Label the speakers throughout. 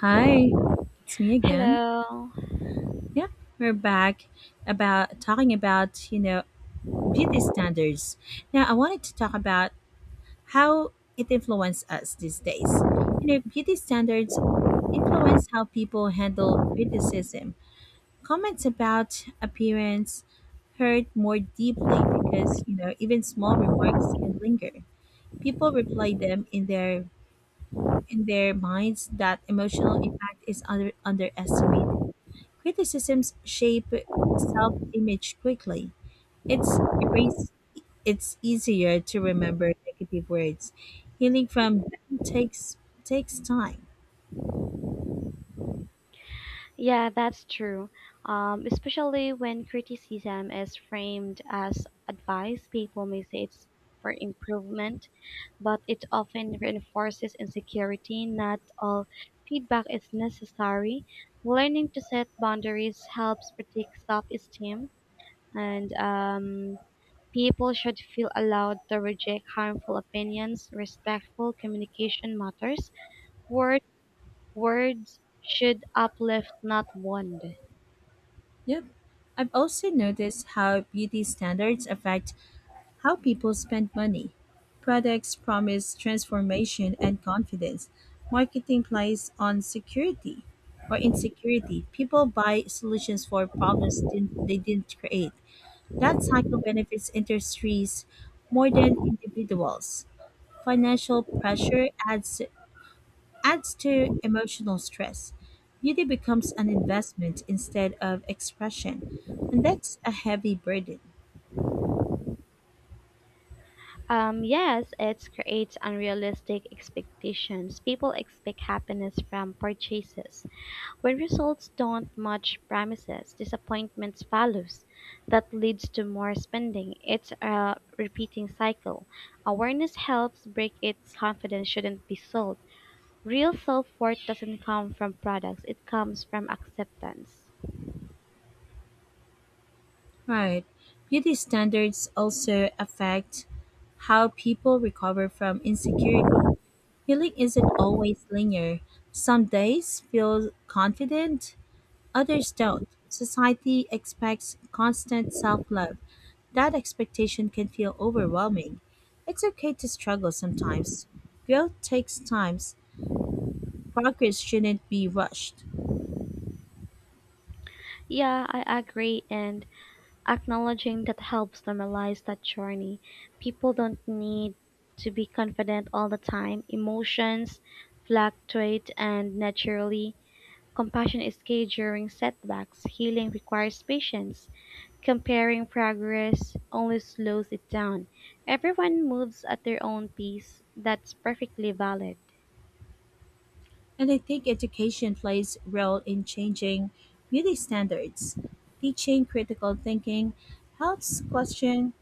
Speaker 1: Hi, it's me again.
Speaker 2: Hello.
Speaker 1: Yeah, we're back about talking about, you know, beauty standards. Now, I wanted to talk about how it influences us these days. You know, beauty standards influence how people handle criticism. Comments about appearance hurt more deeply because, even small remarks can linger. People replay them in their minds. That emotional impact is underestimated. Criticisms shape self image quickly. It's erase it's easier to remember negative words. Healing from them takes time.
Speaker 2: Yeah, that's true. Especially when criticism is framed as advice, people may say it's for improvement, but it often reinforces insecurity. Not all feedback is necessary. Learning to set boundaries helps protect self esteem, and people should feel allowed to reject harmful opinions. Respectful communication matters. Words Words should uplift, not wound.
Speaker 1: Yep. I've also
Speaker 2: Mhm.
Speaker 1: noticed how beauty standards affect how people spend money. Products promise transformation and confidence. Marketing plays on security or insecurity. People buy solutions for problems didn't, they didn't create. That cycle benefits industries more than individuals. Financial pressure adds to emotional stress. Beauty becomes an investment instead of expression, and that's a heavy burden.
Speaker 2: Yes, it creates unrealistic expectations. People expect happiness from purchases. When results don't match promises, disappointments follows. That leads to more spending. It's a repeating cycle. Awareness helps break it. Confidence shouldn't be sold. Real self-worth doesn't come from products. It comes from acceptance.
Speaker 1: Right. Beauty standards also affect how people recover from insecurity. Healing isn't always linear. Some days feel confident, others don't. Society expects constant self love. That expectation can feel overwhelming. It's okay to struggle sometimes. Growth takes time, progress shouldn't be rushed.
Speaker 2: Yeah, I agree. And acknowledging that helps normalize that journey. People don't need to be confident all the time. Emotions fluctuate and naturally. Compassion is key during setbacks. Healing requires patience. Comparing progress only slows it down. Everyone moves at their own pace. That's perfectly valid.
Speaker 1: And I think education plays a role in changing beauty standards. Teaching critical thinking helps question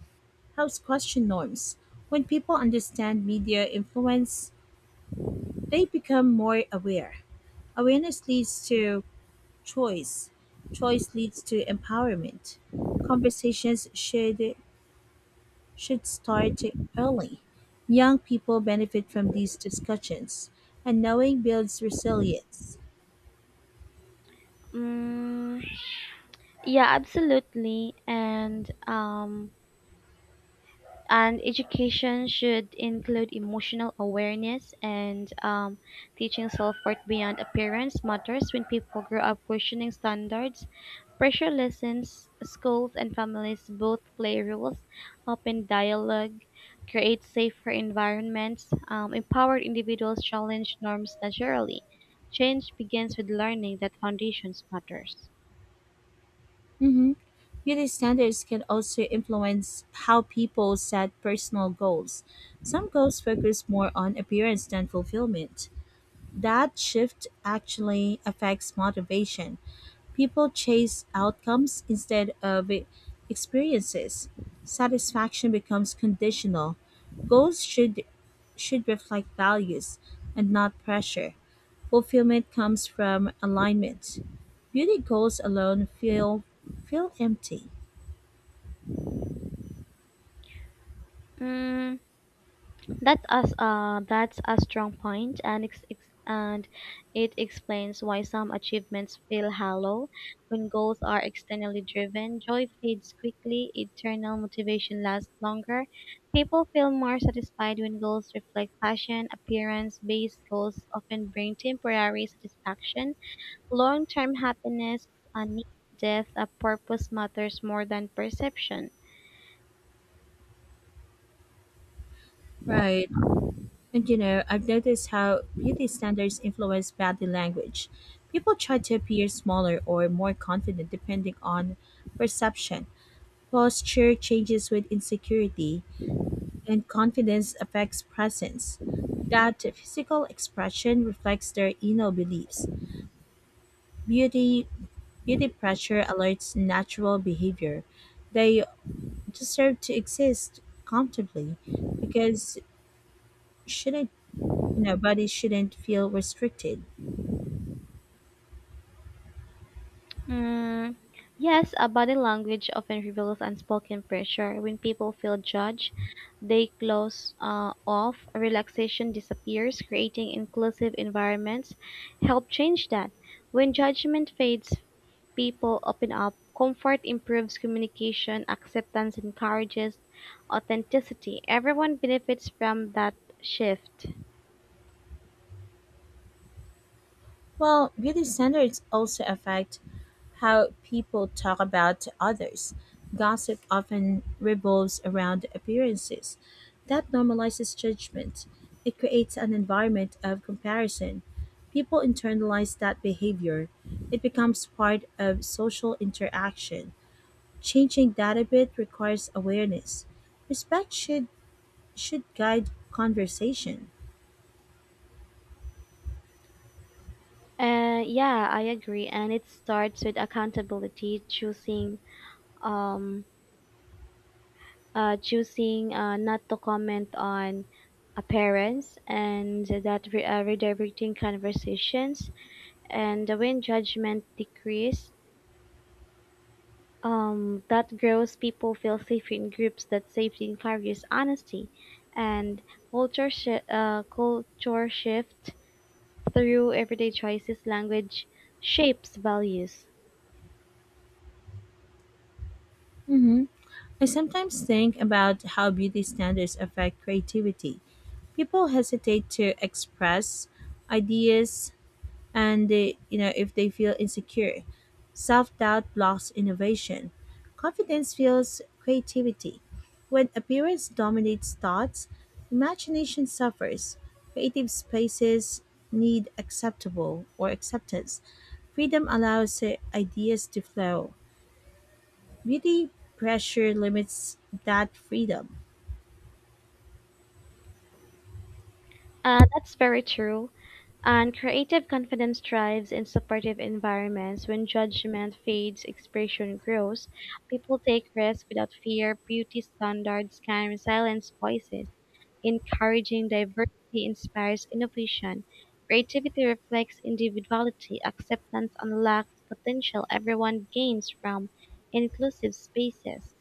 Speaker 1: helps question norms. When people understand media influence, they become more aware. Awareness leads to choice. Choice leads to empowerment. Conversations should start early. Young people benefit from these discussions, and knowing builds resilience.
Speaker 2: Mm, yeah, absolutely. And education should include emotional awareness, and teaching self-worth beyond appearance matters. When people grow up questioning standards, pressure lessons. Schools and families both play roles. Open dialogue create safer environments. Empowered individuals challenge norms naturally. Change begins with learning that foundations matters.
Speaker 1: hmm Beauty standards can also influence how people set personal goals. Some goals focus more on appearance than fulfillment. That shift actually affects motivation. People chase outcomes instead of experiences. Satisfaction becomes conditional. Goals should reflect values and not pressure. Fulfillment comes from alignment. Beauty goals alone feel empty.
Speaker 2: Mm, that's a strong point, and it explains why some achievements feel hollow when goals are externally driven. Joy fades quickly, eternal motivation lasts longer. People feel more satisfied when goals reflect passion. Appearance-based goals often bring temporary satisfaction. Long-term happiness, a need, death, a purpose matters more than perception.
Speaker 1: Right. And you know, I've noticed how beauty standards influence body language. People try to appear smaller or more confident depending on perception. Posture changes with insecurity, and confidence affects presence. That physical expression reflects their inner beliefs. Beauty, beauty pressure alerts natural behavior. They deserve to exist comfortably because shouldn't, you know, bodies shouldn't feel restricted.
Speaker 2: Mm, yes, a body language often reveals unspoken pressure. When people feel judged, they close off, relaxation disappears, creating inclusive environments help change that. When judgment fades, people open up. Comfort improves communication, acceptance encourages authenticity. Everyone benefits from that shift.
Speaker 1: Well, beauty standards also affect how people talk about others. Gossip often revolves around appearances. That normalizes judgment. It creates an environment of comparison. People internalize that behavior. It becomes part of social interaction. Changing that a bit requires awareness. Respect should guide conversation.
Speaker 2: Yeah, I agree. And it starts with accountability, um, choosing not to comment on appearance, and that redirecting conversations. And when judgment decrease, that grows. People feel safe in groups. That safety encourages honesty, and culture shift through everyday choices. Language shapes values.
Speaker 1: Mhm. I sometimes think about how beauty standards affect creativity. People hesitate to express ideas, and you know, if they feel insecure. Self-doubt blocks innovation. Confidence fuels creativity. When appearance dominates thoughts, imagination suffers. Creative spaces need acceptable or acceptance. Freedom allows ideas to flow. Beauty pressure limits that freedom.
Speaker 2: That's very true. And creative confidence thrives in supportive environments. When judgment fades, expression grows. People take risks without fear. Beauty standards can silence voices. Encouraging diversity inspires innovation. Creativity reflects individuality. Acceptance unlocks potential. Everyone gains from inclusive spaces.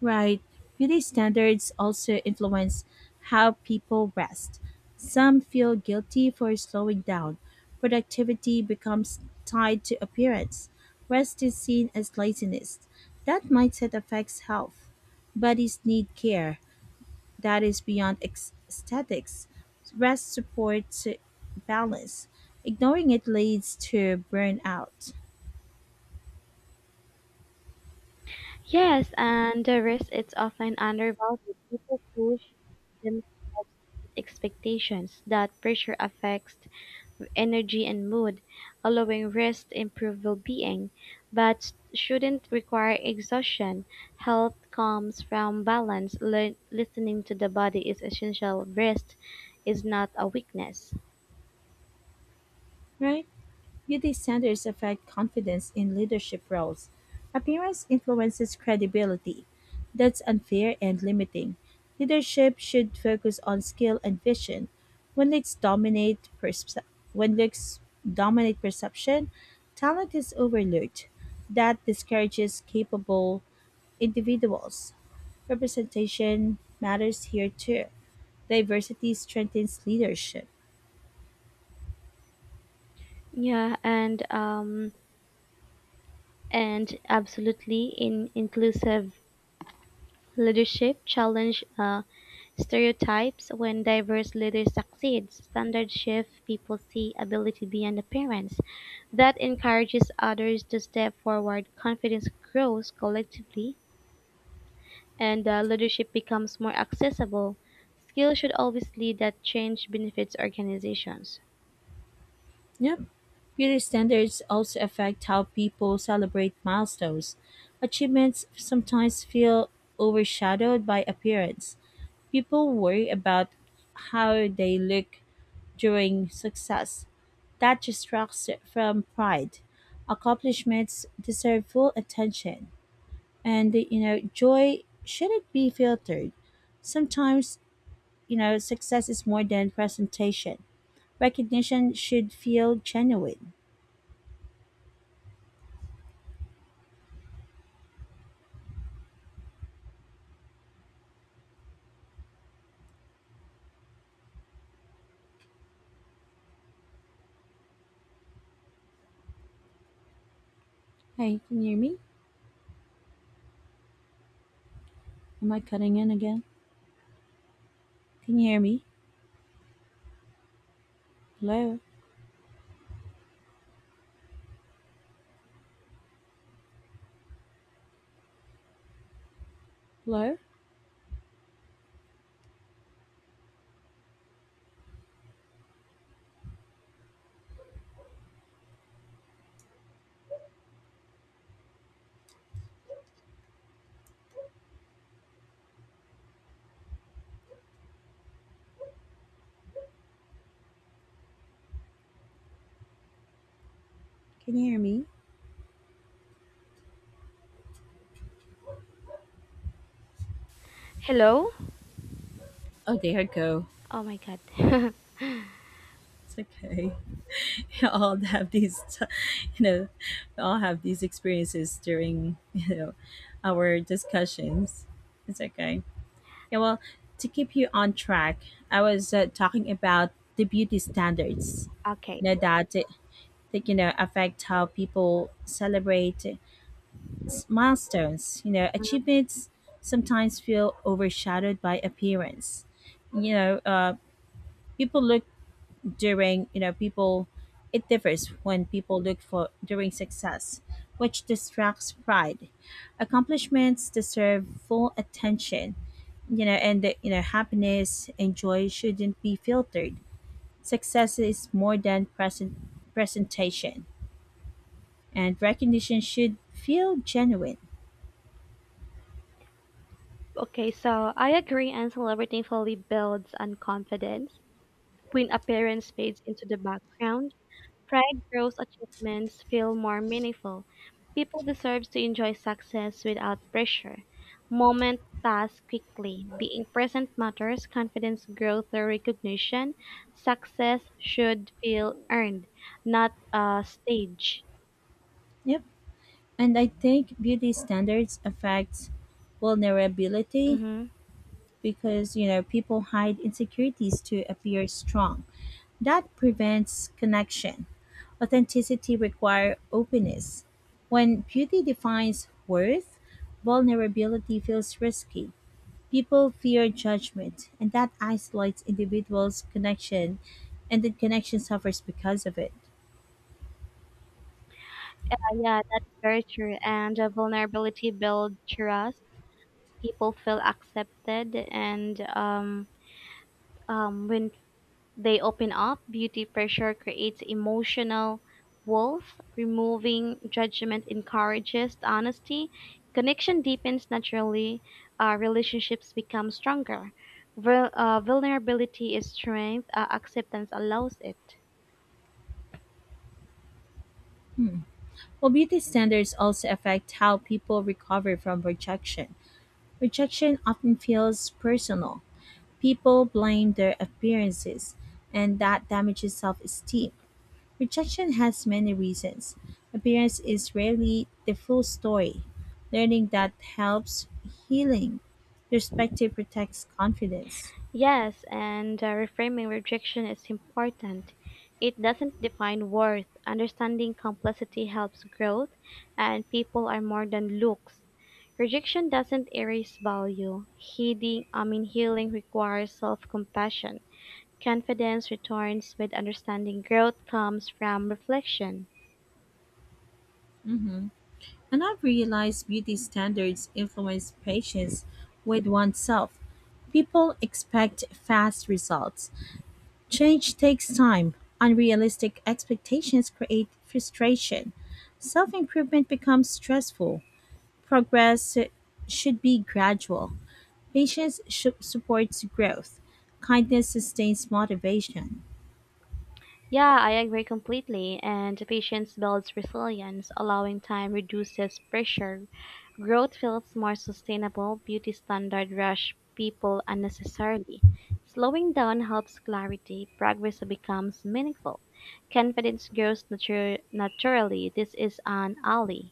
Speaker 1: Right. Beauty standards also influence how people rest. Some feel guilty for slowing down. Productivity becomes tied to appearance. Rest is seen as laziness. That mindset affects health. Bodies need care that is beyond aesthetics. Rest supports balance. Ignoring it leads to burnout.
Speaker 2: Yes, and the risk is often undervalued. People push themselves with expectations. That pressure affects energy and mood, allowing rest to improve well-being, but shouldn't require exhaustion. Health comes from balance. Listening to the body is essential. Rest is not a weakness.
Speaker 1: Right? Beauty standards affect confidence in leadership roles. Appearance influences credibility. That's unfair and limiting. Leadership should focus on skill and vision. When looks dominate perce- when looks dominate perception, talent is overlooked. That discourages capable individuals. Representation matters here too. Diversity strengthens leadership.
Speaker 2: Yeah, and absolutely, in inclusive leadership challenge. Stereotypes: when diverse leaders succeed, standards shift, people see ability beyond appearance. That encourages others to step forward, confidence grows collectively, and leadership becomes more accessible. Skill should always lead. That change benefits organizations.
Speaker 1: Yep. Beauty standards also affect how people celebrate milestones. Achievements sometimes feel overshadowed by appearance. People worry about how they look during success. That distracts from pride. Accomplishments deserve full attention. And, you know, joy shouldn't be filtered. Sometimes, you know, success is more than presentation. Recognition should feel genuine. Hey, can you hear me? Am I cutting in again? Can you hear me? Hello? Hello? Can you hear me?
Speaker 2: Hello?
Speaker 1: Oh, there I go.
Speaker 2: Oh my god.
Speaker 1: It's okay. We all have you know, we all have these experiences during, you know, our discussions. It's okay. Yeah, well, to keep you on track, I was talking about the beauty standards,
Speaker 2: Okay.
Speaker 1: you know, you know, affect how people celebrate milestones. You know, achievements sometimes feel overshadowed by appearance. You know, people look during, you know, people, it differs when people look for during success, which distracts pride. Accomplishments deserve full attention, you know, and happiness and joy shouldn't be filtered. Success is more than presentation, and recognition should feel genuine.
Speaker 2: Okay, so I agree, and celebrating fully builds on confidence when appearance fades into the background. Pride grows. Achievements feel more meaningful. People deserve to enjoy success without pressure. Moments pass quickly. Being present matters. Confidence grows through recognition. Success should feel earned, not staged.
Speaker 1: Yep. And I think beauty standards affect vulnerability
Speaker 2: Mm-hmm.
Speaker 1: because, you know, people hide insecurities to appear strong. That prevents connection. Authenticity requires openness. When beauty defines worth, vulnerability feels risky. People fear judgment, and that isolates individuals' connection, and the connection suffers because of it.
Speaker 2: Yeah, that's very true. And vulnerability builds trust. People feel accepted, and when they open up. Beauty pressure creates emotional wealth. Removing judgment encourages honesty. Connection deepens naturally. Relationships become stronger. Vulnerability is strength. Acceptance allows it.
Speaker 1: Well, beauty standards also affect how people recover from rejection. Rejection often feels personal. People blame their appearances, and that damages self esteem. Rejection has many reasons. Appearance is rarely the full story. Learning that helps healing. Perspective protects confidence.
Speaker 2: Yes, and reframing rejection is important. It doesn't define worth. Understanding complexity helps growth, and people are more than looks. Rejection doesn't erase value. Healing requires self-compassion. Confidence returns with understanding. Growth comes from reflection.
Speaker 1: Mhm. And I've realized beauty standards influence patience with oneself. People expect fast results. Change takes time. Unrealistic expectations create frustration. Self improvement becomes stressful. Progress should be gradual. Patience supports growth. Kindness sustains motivation.
Speaker 2: Yeah, I agree completely. And patience builds resilience. Allowing time reduces pressure. Growth feels more sustainable. Beauty standard rush people unnecessarily. Slowing down helps clarity. Progress becomes meaningful. Confidence grows naturally. This is an ally.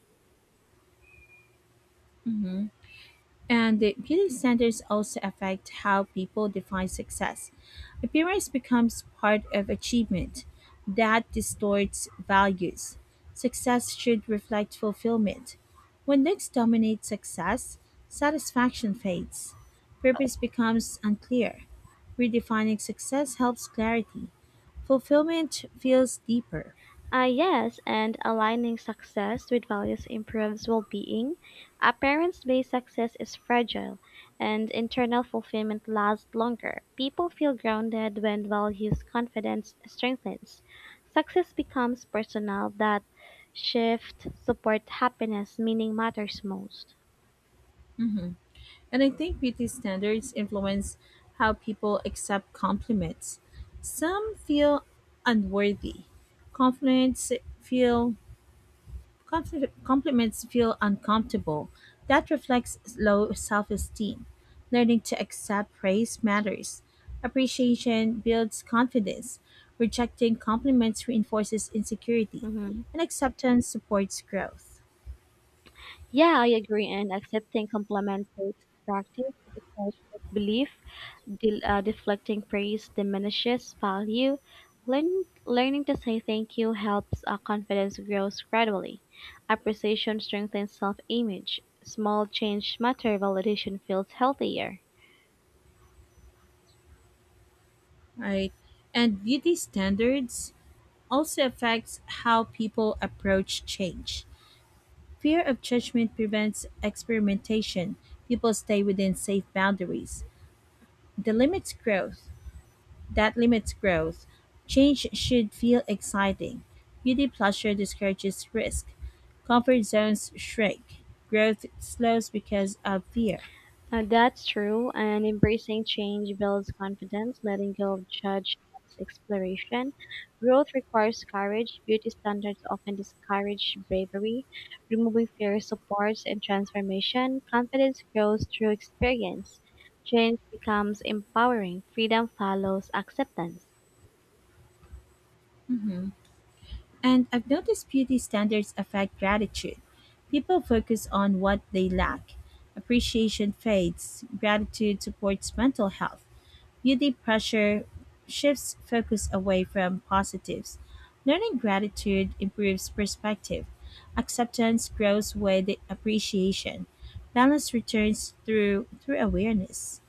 Speaker 1: Mhm. And the beauty standards also affect how people define success. Appearance becomes part of achievement that distorts values. Success should reflect fulfillment. When looks dominate success, satisfaction fades. Purpose becomes unclear. Redefining success helps clarity. Fulfillment feels deeper.
Speaker 2: Yes, and aligning success with values improves well being. Appearance based success is fragile, and internal fulfillment lasts longer. People feel grounded when values confidence strengthens. Success becomes personal. That shift support happiness. Meaning matters most.
Speaker 1: And I think beauty standards influence how people accept compliments. Some feel unworthy. Compliments feel Compliments feel uncomfortable. That reflects low self-esteem. Learning to accept praise matters. Appreciation builds confidence. Rejecting compliments reinforces insecurity,
Speaker 2: Hmm.
Speaker 1: and acceptance supports growth.
Speaker 2: Yeah, I agree, and accepting complementary practice it excites belief. Deflecting praise diminishes value. Learn- Learning to say thank you helps. Confidence grows gradually. Appreciation strengthens self image. Small change matter. Validation feels healthier.
Speaker 1: Right? And beauty standards also affects how people approach change. Fear of judgment prevents experimentation. People stay within safe boundaries. The limits growth. That limits growth. Change should feel exciting. Beauty pleasure discourages risk. Comfort zones shrink. Growth slows because of fear.
Speaker 2: That's true, and embracing change builds confidence, letting go of judge exploration. Growth requires courage. Beauty standards often discourage bravery. Removing fear supports and transformation. Confidence grows through experience. Change becomes empowering. Freedom follows acceptance.
Speaker 1: And I've noticed beauty standards affect gratitude. People focus on what they lack. Appreciation fades. Gratitude supports mental health. Beauty pressure shifts focus away from positives. Learning gratitude improves perspective. Acceptance grows with appreciation. Balance returns through awareness.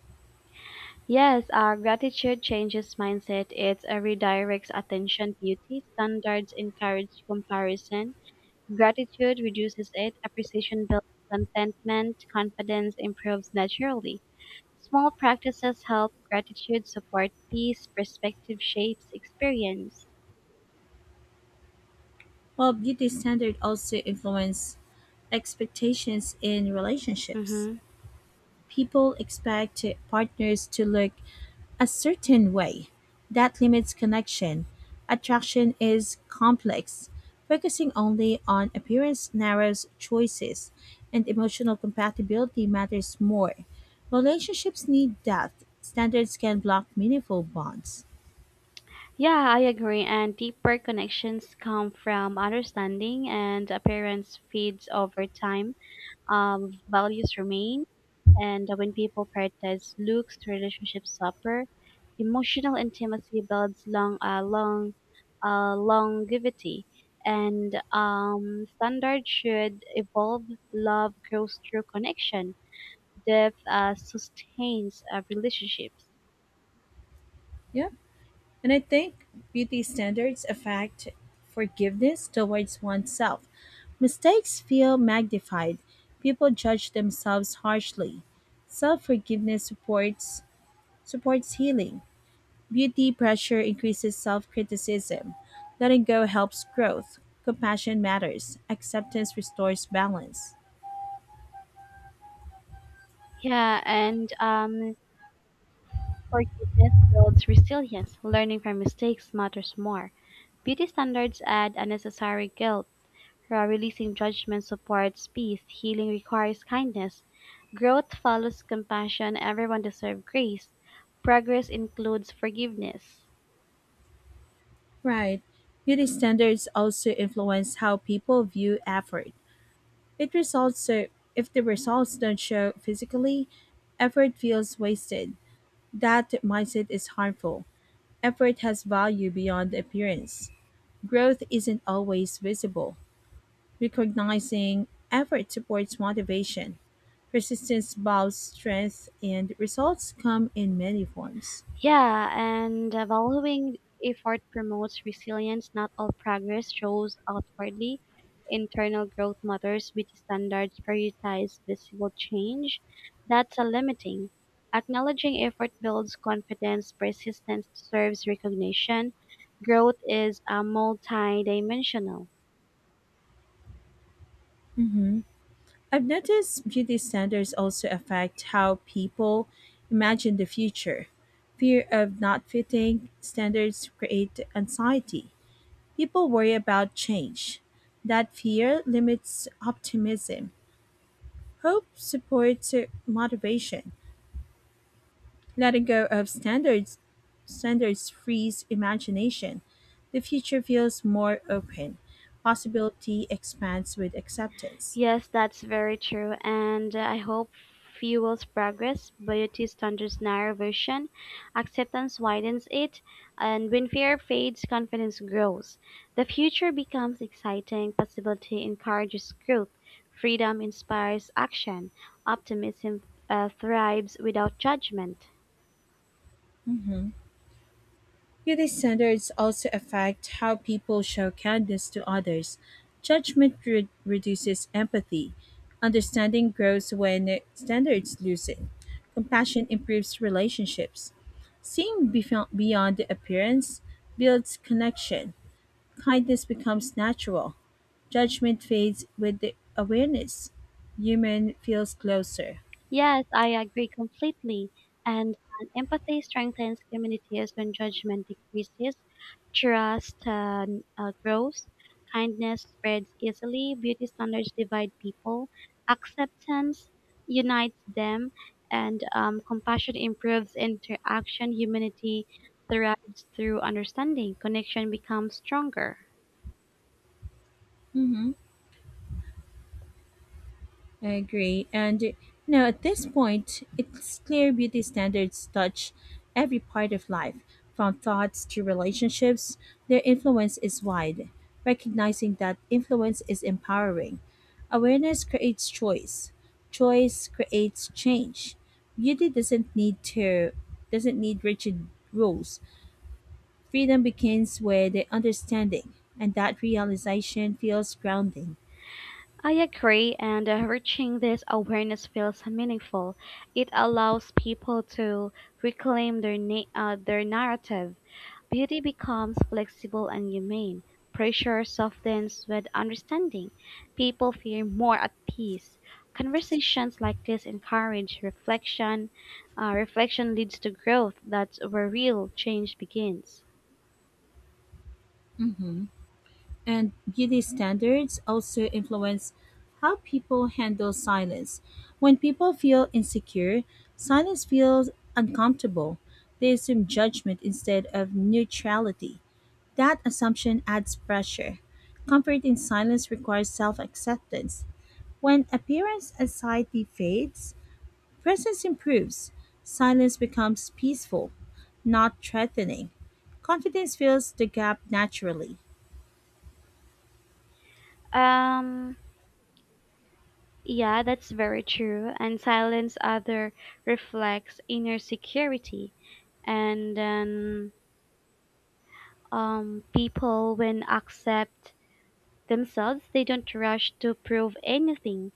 Speaker 2: Yes, gratitude changes mindset. It redirects attention. Beauty standards encourage comparison. Gratitude reduces it, appreciation builds contentment, confidence improves naturally. Small practices help. Gratitude support peace. Perspective shapes experience.
Speaker 1: While beauty standard also influence expectations in relationships.
Speaker 2: Mm-hmm.
Speaker 1: People expect partners to look a certain way. That limits connection. Attraction is complex. Focusing only on appearance narrows choices, and emotional compatibility matters more. Relationships need depth. Standards can block meaningful bonds.
Speaker 2: Yeah, I agree. And deeper connections come from understanding, and appearance feeds over time. Values remain. And when people prioritize looks, relationships suffer. Emotional intimacy builds longevity. And standards should evolve. Love grows through connection. Depth sustains relationships.
Speaker 1: Yeah. And I think beauty standards affect forgiveness towards oneself. Mistakes feel magnified. People judge themselves harshly. Self-forgiveness supports healing. Beauty pressure increases self-criticism. Letting go helps growth. Compassion matters. Acceptance restores balance.
Speaker 2: Yeah, and Forgiveness builds resilience. Learning from mistakes matters more. Beauty standards add unnecessary guilt. Releasing judgment supports peace. Healing requires kindness. Growth follows compassion. Everyone deserves grace. Progress includes forgiveness.
Speaker 1: Right. Beauty standards also influence how people view effort. It results so If the results don't show physically, effort feels wasted. That mindset is harmful. Effort has value beyond appearance. Growth isn't always visible. Recognizing effort supports motivation. Persistence builds strength, and results come in many forms.
Speaker 2: Yeah, and valuing effort promotes resilience. Not all progress shows outwardly. Internal growth matters with standards prioritize visible change. That's a limiting. Acknowledging effort builds confidence. Persistence deserves recognition. Growth is a multi-dimensional.
Speaker 1: hmm I've noticed beauty standards also affect how people imagine the future. Fear of not fitting standards create anxiety. People worry about change. That fear limits optimism. Hope supports motivation. Letting go of standards frees imagination. The future feels more open. Possibility expands with acceptance.
Speaker 2: Yes, that's very true, and I hope fuels progress. Beauty thunders narrow vision, acceptance widens it, and when fear fades, confidence grows. The future becomes exciting, possibility encourages growth, freedom inspires action, optimism thrives without judgment.
Speaker 1: Mhm. Beauty standards also affect how people show kindness to others. Reduces empathy. Understanding grows when standards loosen. Compassion improves relationships. Beyond the appearance builds connection. Kindness becomes natural. Judgment fades with the awareness. Human feels closer.
Speaker 2: Yes, I agree completely. And empathy strengthens communities. When judgment decreases, trust grows, kindness spreads easily, beauty standards divide people, acceptance unites them, and compassion improves interaction. Humanity thrives through understanding. Connection becomes stronger.
Speaker 1: Mhm. I agree. And you know, at this point, it's clear beauty standards touch every part of life, from thoughts to relationships. Their influence is wide. Recognizing that influence is empowering. Awareness creates choice. Choice creates change. Beauty doesn't need to doesn't need rigid rules. Freedom begins with understanding, and that realization feels grounding.
Speaker 2: I agree, and reaching this awareness feels meaningful. It allows people to reclaim their narrative. Beauty becomes flexible and humane. Pressure softens with understanding. People feel more at peace. Conversations like this encourage reflection. Reflection leads to growth. That's where real change begins.
Speaker 1: And beauty standards also influence how people handle silence. When people feel insecure, silence feels uncomfortable. They assume judgment instead of neutrality. That assumption adds pressure. Comfort in silence requires self acceptance. When appearance anxiety fades, presence improves. Silence becomes peaceful, not threatening. Confidence fills the gap naturally.
Speaker 2: Um, Yeah, that's very true. And silence other reflects inner security. And then people, when accept themselves, they don't rush to prove anything.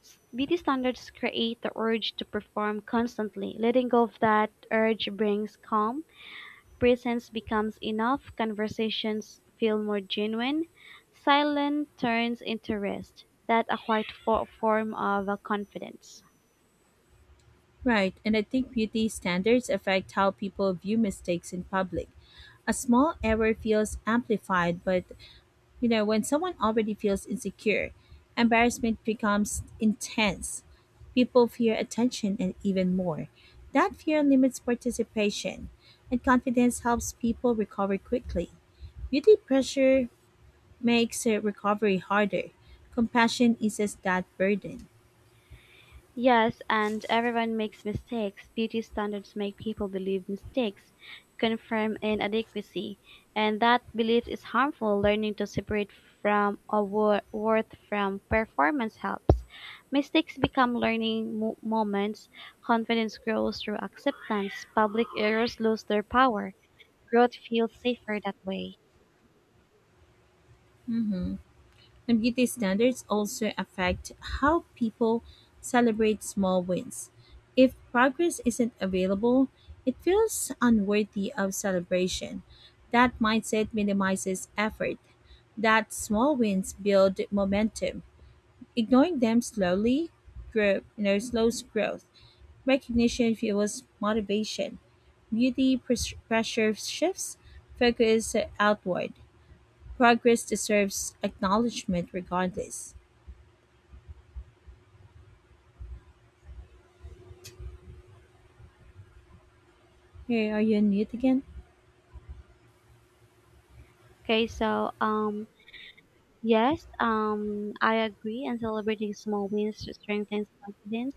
Speaker 2: Beauty standards create the urge to perform constantly. Letting go of that urge brings calm. Presence becomes enough. Conversations feel more genuine. Silence turns into rest. That a quiet form of confidence.
Speaker 1: Right, and I think beauty standards affect how people view mistakes in public. A small error feels amplified, but, you know, when someone already feels insecure, embarrassment becomes intense. People fear attention and even more. That fear limits participation, and confidence helps people recover quickly. Beauty pressure makes recovery harder. Compassion eases that burden.
Speaker 2: Yes, and everyone makes mistakes. Beauty standards make people believe mistakes confirm inadequacy, and that belief is harmful. Learning to separate from a worth from performance helps. Mistakes become learning moments. Confidence grows through acceptance. Public errors lose their power. Growth feels safer that way.
Speaker 1: Mhm. And beauty standards also affect how people celebrate small wins. If progress isn't available, it feels unworthy of celebration. That mindset minimizes effort. That small wins build momentum. Ignoring them slowly grow, slows growth. Recognition fuels motivation. Pressure shifts focus outward. Progress deserves acknowledgement regardless. Hey, are you on mute again?
Speaker 2: Okay, so um yes, I agree, and celebrating small wins strengthens confidence.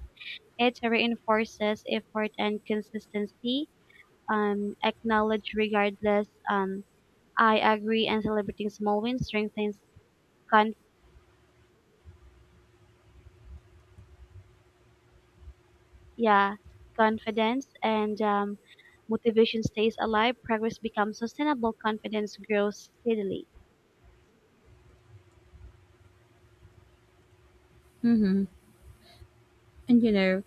Speaker 2: It reinforces effort and consistency. Acknowledge regardless. I agree, and celebrating small wins strengthens con- yeah confidence, and motivation stays alive. Progress becomes sustainable. Confidence grows steadily.
Speaker 1: Mm-hmm. And you know,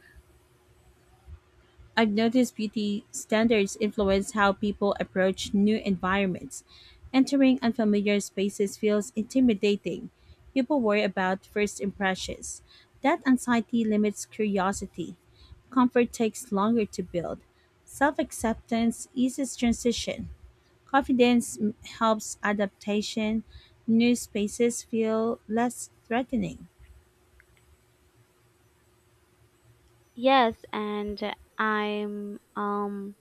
Speaker 1: I've noticed beauty standards influence how people approach new environments. Entering unfamiliar spaces feels intimidating. People worry about first impressions. That anxiety limits curiosity. Comfort takes longer to build. Self acceptance eases transition. Helps adaptation. New spaces feel less threatening.
Speaker 2: Yes, and I'm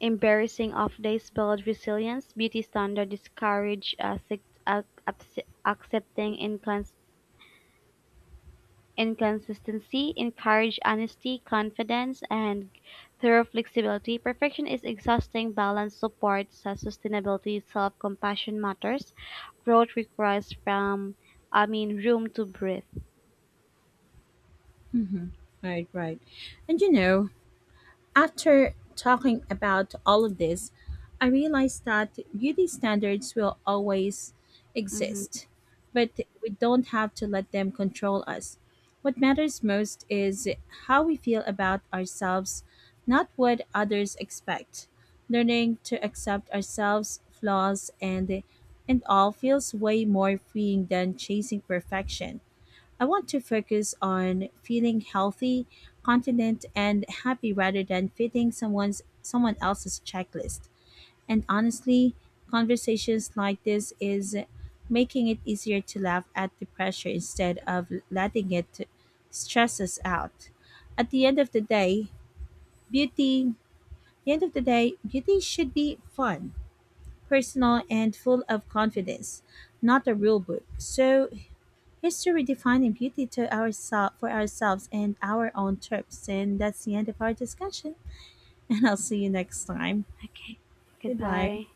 Speaker 2: embarrassing off days build resilience. Beauty standard discourage accepting inconsistency, encourage honesty, confidence, and thorough flexibility. Perfection is exhausting. Balance supports sustainability. Self-compassion matters. Growth requires room to breathe.
Speaker 1: Right, right. And you know, after talking about all of this, I realized that beauty standards will always
Speaker 2: Hmm.
Speaker 1: exist, but we don't have to let them control us. What matters most is how we feel about ourselves, not what others expect. Learning to accept ourselves, flaws and all, feels way more freeing than chasing perfection. I want to focus on feeling healthy, confident, and happy rather than fitting someone else's checklist. And honestly, conversations like this is making it easier to laugh at the pressure instead of letting it stress us out. At the end of the day, beauty the end of the day, beauty should be fun, personal, and full of confidence, not a rule book. So history defining beauty to for ourselves and our own trips. And that's the end of our discussion. And I'll see you next time. Goodbye.
Speaker 2: Goodbye.